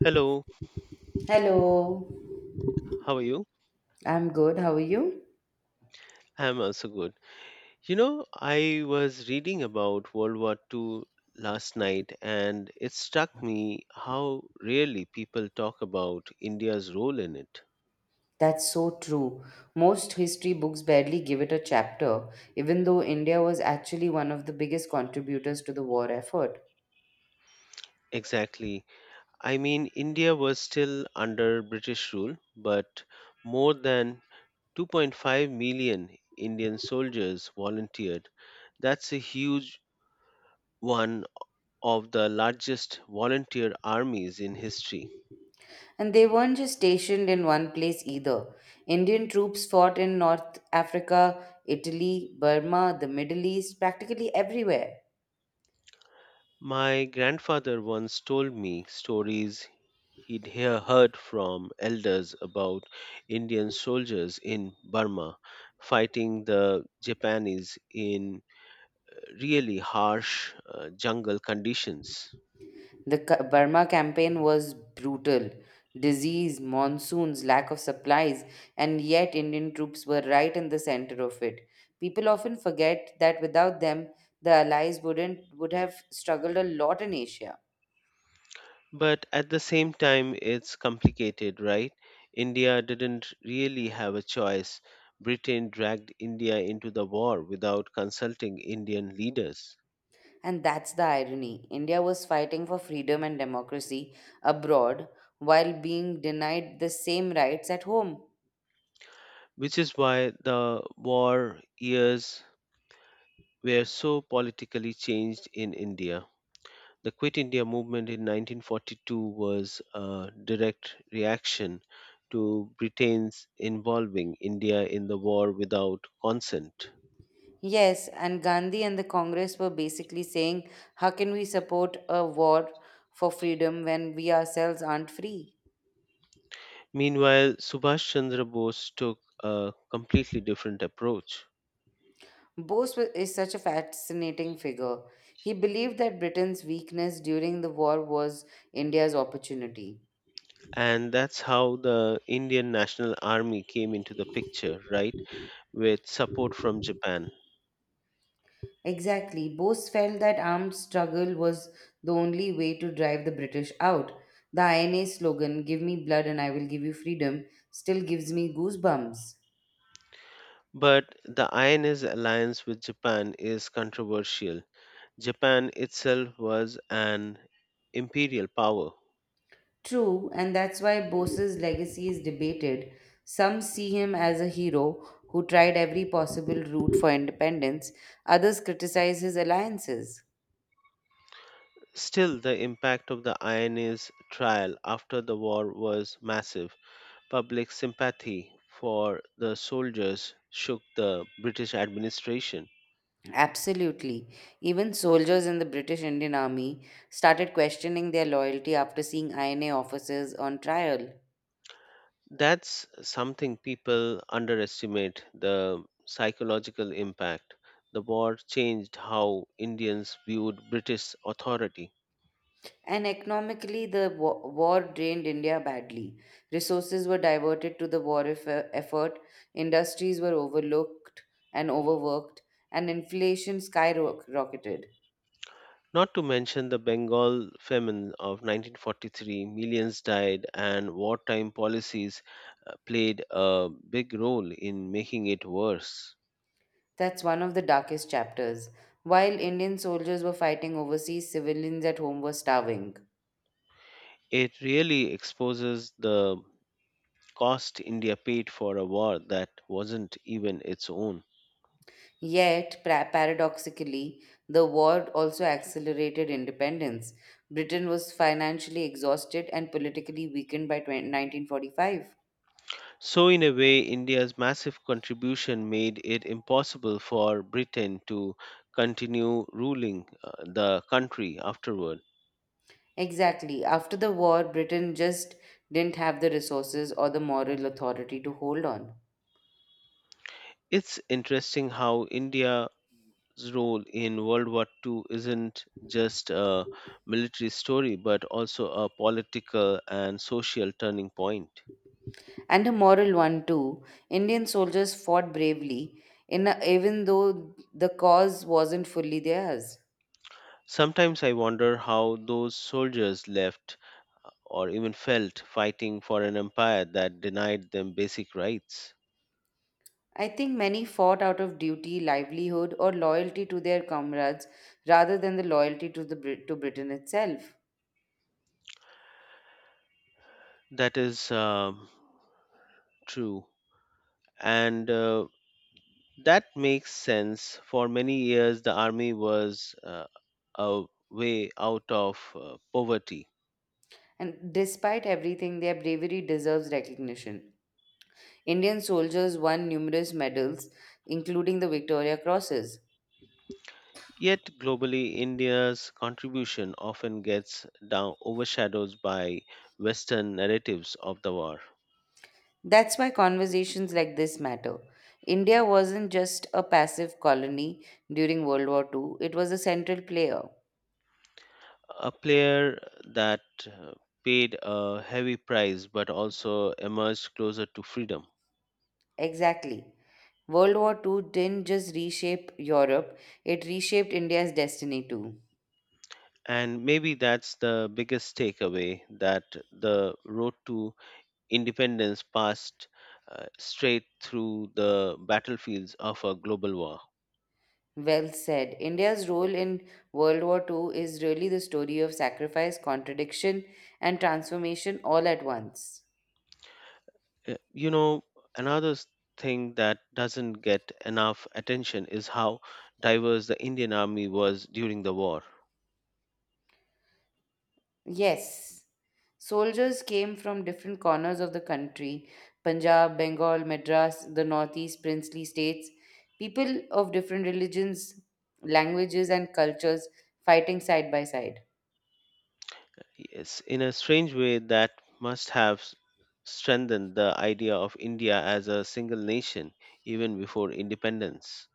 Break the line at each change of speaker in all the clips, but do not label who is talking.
Hello,
Hello,
how are you?
I'm good. How are you?
I'm also good. You know, I was reading about World War II last night and it struck me how rarely people talk about India's role in it.
That's so true. Most history books barely give it a chapter, even though India was actually one of the biggest contributors to the war effort.
Exactly. I mean, India was still under British rule, but more than 2.5 million Indian soldiers volunteered. That's a huge one of the largest volunteer armies in history.
And they weren't just stationed in one place either. Indian troops fought in North Africa, Italy, Burma, the Middle East, practically everywhere.
My grandfather once told me stories he'd heard from elders about Indian soldiers in Burma fighting the Japanese in really harsh jungle conditions.
Burma campaign was brutal. Disease, monsoons, lack of supplies, and yet Indian troops were right in the center of it. People often forget that without them, the Allies wouldn't would have struggled a lot in Asia.
But at the same time, it's complicated, right? India didn't really have a choice. Britain dragged India into the war without consulting Indian leaders,
And that's the irony. India was fighting for freedom and democracy abroad while being denied the same rights at home.
which is why the war years were so politically changed in India. The Quit India movement in 1942 was a direct reaction to Britain's involving India in the war without consent.
Yes, and Gandhi and the Congress were basically saying, how can we support a war for freedom when we ourselves aren't free?
Meanwhile, Subhash Chandra Bose took a completely different approach.
Is such a fascinating figure. He believed that Britain's weakness during the war was India's opportunity.
And that's how the Indian National Army came into the picture, right? With support from Japan.
Exactly. Bose felt that armed struggle was the only way to drive the British out. The INA slogan, give me blood and I will give you freedom, still gives me goosebumps.
But the INS alliance with Japan is controversial. Japan itself was an imperial power.
True, and that's why Bose's legacy is debated. Some see him as a hero who tried every possible route for independence, others criticize his alliances.
Still, the impact of the INA's trial after the war was massive. Public sympathy for the soldiers shook the British administration.
Absolutely. Even soldiers in the British Indian Army started questioning their loyalty after seeing INA officers on trial.
That's something people underestimate, the psychological impact. The war changed how Indians viewed British authority.
And economically, war drained India badly. Resources were diverted to the effort, industries were overlooked and overworked, and inflation skyrocketed.
Not to mention the Bengal famine of 1943, millions died, and wartime policies played a big role in making it worse.
That's one of the darkest chapters. While Indian soldiers were fighting overseas, civilians at home were starving.
It really exposes the cost India paid for a war that wasn't even its own.
Yet, paradoxically, the war also accelerated independence. Britain was financially exhausted and politically weakened by 1945.
So, in a way, India's massive contribution made it impossible for Britain to continue ruling the country afterward.
Exactly. After the war, Britain just didn't have the resources or the moral authority to hold on.
It's interesting how India role in World War II isn't just a military story, but also a political and social turning point.
And a moral one, too. Indian soldiers fought bravely, even though the cause wasn't fully theirs.
Sometimes I wonder how those soldiers left or even felt fighting for an empire that denied them basic rights.
I think many fought out of duty, livelihood, or loyalty to their comrades rather than the loyalty to Britain itself.
That is true. And that makes sense. For many years, the army was a way out of poverty.
And despite everything, their bravery deserves recognition. Indian soldiers won numerous medals, including the Victoria Crosses.
Yet globally, India's contribution often gets down overshadowed by Western narratives of the war.
That's why conversations like this matter. India wasn't just a passive colony during World War Two; it was a central player.
A player that uh, paid a heavy price but also emerged closer to freedom.
Exactly. World War Two didn't just reshape Europe, it reshaped India's destiny too.
And maybe that's the biggest takeaway that the road to independence passed straight through the battlefields of a global war.
Well said. India's role in World War Two is really the story of sacrifice, contradiction, and transformation all at once.
You know, another s- thing that doesn't get enough attention is how diverse the Indian Army was during the war.
Yes. Soldiers came from different corners of the country: Punjab, Bengal, Madras, the northeast, princely states. People of different religions, languages, and cultures fighting side by side.
Yes, in a strange way, that must have strengthened the idea of India as a single nation even before independence.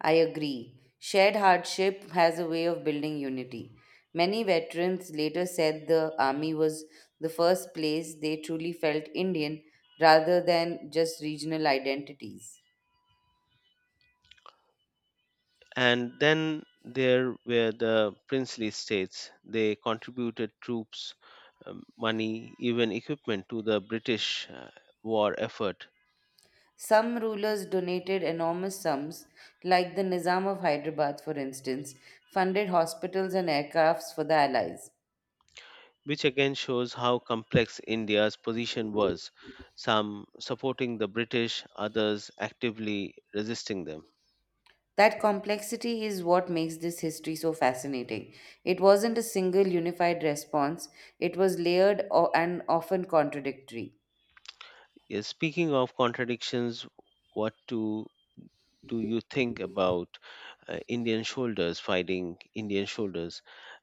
I agree. Shared hardship has a way of building unity. Many veterans later said the army was the first place they truly felt Indian rather than just regional identities.
And then there were the princely states. They contributed troops, money, even equipment to the British war effort,
Some rulers donated enormous sums, like the Nizam of Hyderabad, for instance, funded hospitals and aircrafts for the Allies.
which again shows how complex India's position was, some supporting the British, others actively resisting them.
That complexity is what makes this history so fascinating. It wasn't a single unified response, it was layered and often contradictory.
Yes, speaking of contradictions, what do you think about Indian soldiers fighting Indian soldiers,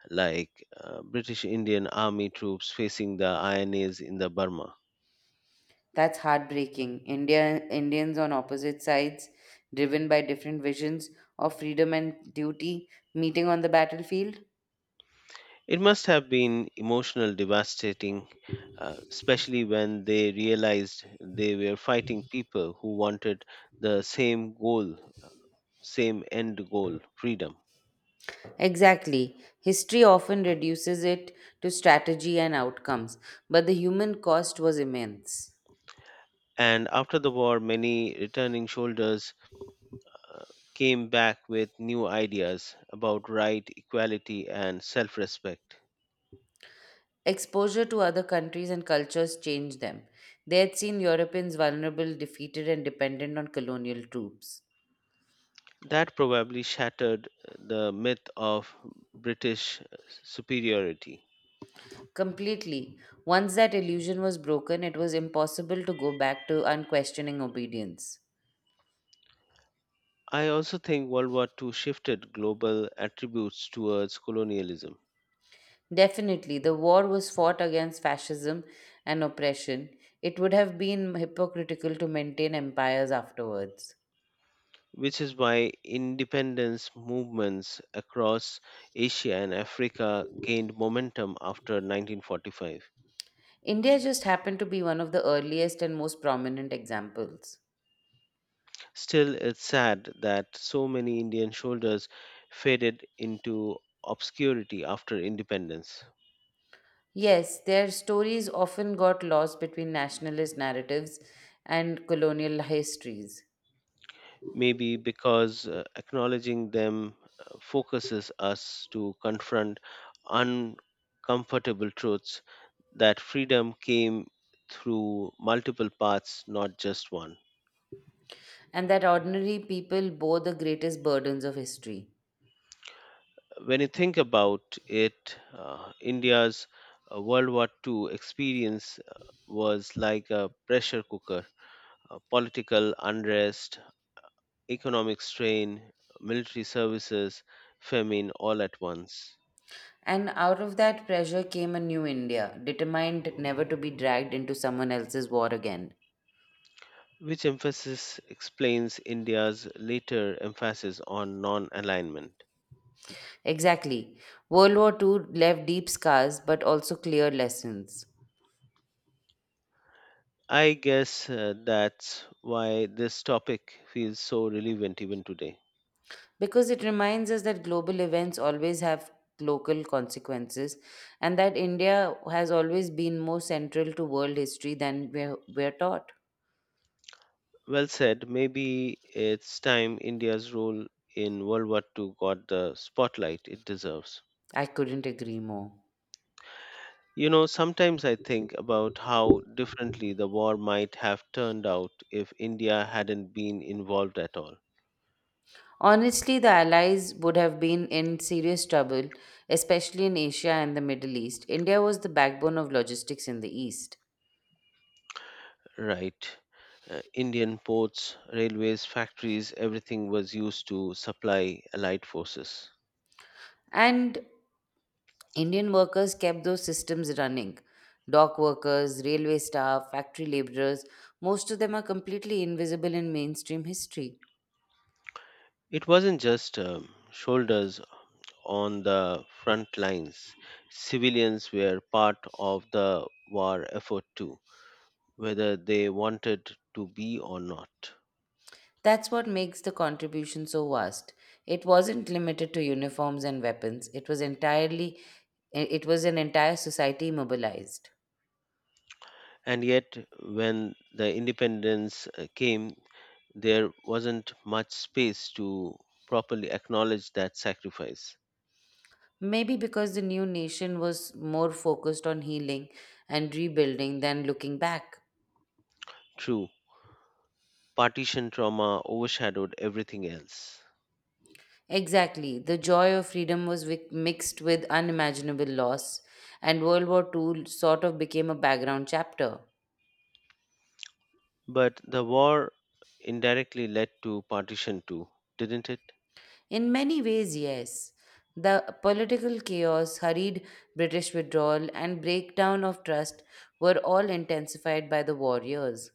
like British Indian army troops facing the INAs in the Burma?
That's heartbreaking. India, Indians on opposite sides, driven by different visions of freedom and duty, meeting on the battlefield.
It must have been emotional devastating, especially when they realized they were fighting people who wanted the same goal, same end goal, freedom.
Exactly. History often reduces it to strategy and outcomes, but the human cost was immense.
And after the war, many returning soldiers came back with new ideas about right, equality, and self respect.
Exposure to other countries and cultures changed them. They had seen Europeans vulnerable, defeated, and dependent on colonial troops.
That probably shattered the myth of British superiority.
Completely. Once that illusion was broken, it was impossible to go back to unquestioning obedience.
I also think World War II shifted global attributes towards colonialism,
Definitely, the war was fought against fascism and oppression. It would have been hypocritical to maintain empires afterwards.
which is why independence movements across Asia and Africa gained momentum after 1945.
India just happened to be one of the earliest and most prominent examples.
Still, it's sad that so many Indian shoulders faded into obscurity after independence.
Yes, their stories often got lost between nationalist narratives and colonial histories,
Maybe because acknowledging them focuses us to confront uncomfortable truths that freedom came through multiple paths, not just one.
and that ordinary people bore the greatest burdens of history.
When you think about it, India's World War II experience was like a pressure cooker. Political unrest, economic strain, military services, famine all at once.
And out of that pressure came a new India, determined never to be dragged into someone else's war again.
Which emphasis explains India's later emphasis on non alignment?
Exactly. World War Two left deep scars but also clear lessons.
I guess that's why this topic feels so relevant even today.
Because it reminds us that global events always have local consequences and that India has always been more central to world history than we're taught.
Well said. Maybe it's time India's role in World War II got the spotlight it deserves.
I couldn't agree more.
You know, sometimes I think about how differently the war might have turned out if India hadn't been involved at all.
Honestly, the Allies would have been in serious trouble, especially in Asia and the Middle East. India was the backbone of logistics in the East.
Right. Indian ports, railways, factories, everything was used to supply Allied forces.
And Indian workers kept those systems running. Dock workers, railway staff, factory laborers, most of them are completely invisible in mainstream history.
It wasn't just shoulders on the front lines. Civilians were part of the war effort too, whether they wanted to be or not.
That's what makes the contribution so vast. It wasn't limited to uniforms and weapons. It was an entire society mobilized.
And yet, when the independence came, there wasn't much space to properly acknowledge that sacrifice.
Maybe because the new nation was more focused on healing and rebuilding than looking back.
True, partition trauma overshadowed everything else.
Exactly. The joy of freedom was mixed with unimaginable loss, and World War Two sort of became a background chapter.
But the war indirectly led to partition too, didn't it?
In many ways, yes. The political chaos, hurried British withdrawal, and breakdown of trust were all intensified by the warriors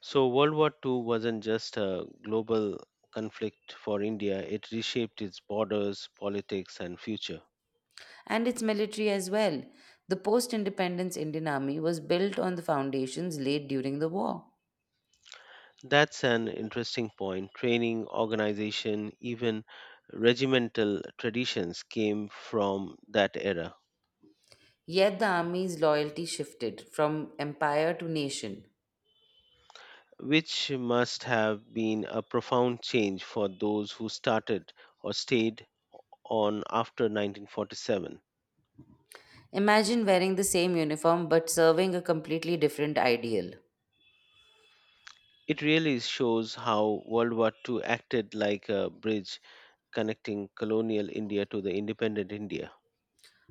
So, World War II wasn't just a global conflict for India, it reshaped its borders, politics, and future.
and its military as well. The post independence Indian Army was built on the foundations laid during the war.
That's an interesting point. Training, organization, even regimental traditions came from that era,
Yet the army's loyalty shifted from empire to nation.
which must have been a profound change for those who started or stayed on after 1947.
Imagine wearing the same uniform but serving a completely different ideal.
It really shows how World War II acted like a bridge connecting colonial India to the independent India.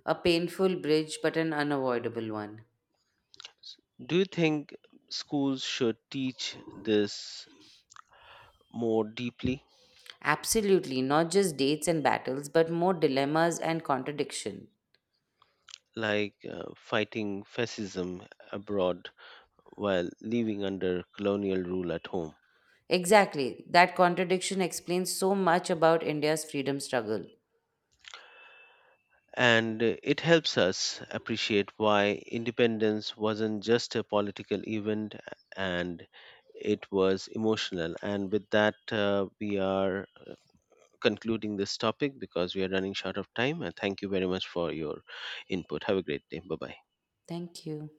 A painful bridge, but an unavoidable one.
S- Do you think schools should teach this more deeply,
Absolutely, not just dates and battles, but more dilemmas and contradiction.
like fighting fascism abroad while living under colonial rule at home?
Exactly, that contradiction explains so much about India's freedom struggle.
And it helps us appreciate why independence wasn't just a political event and it was emotional. And with that, we are concluding this topic because we are running short of time. And thank you very much for your input. Have a great day. Bye bye.
Thank you.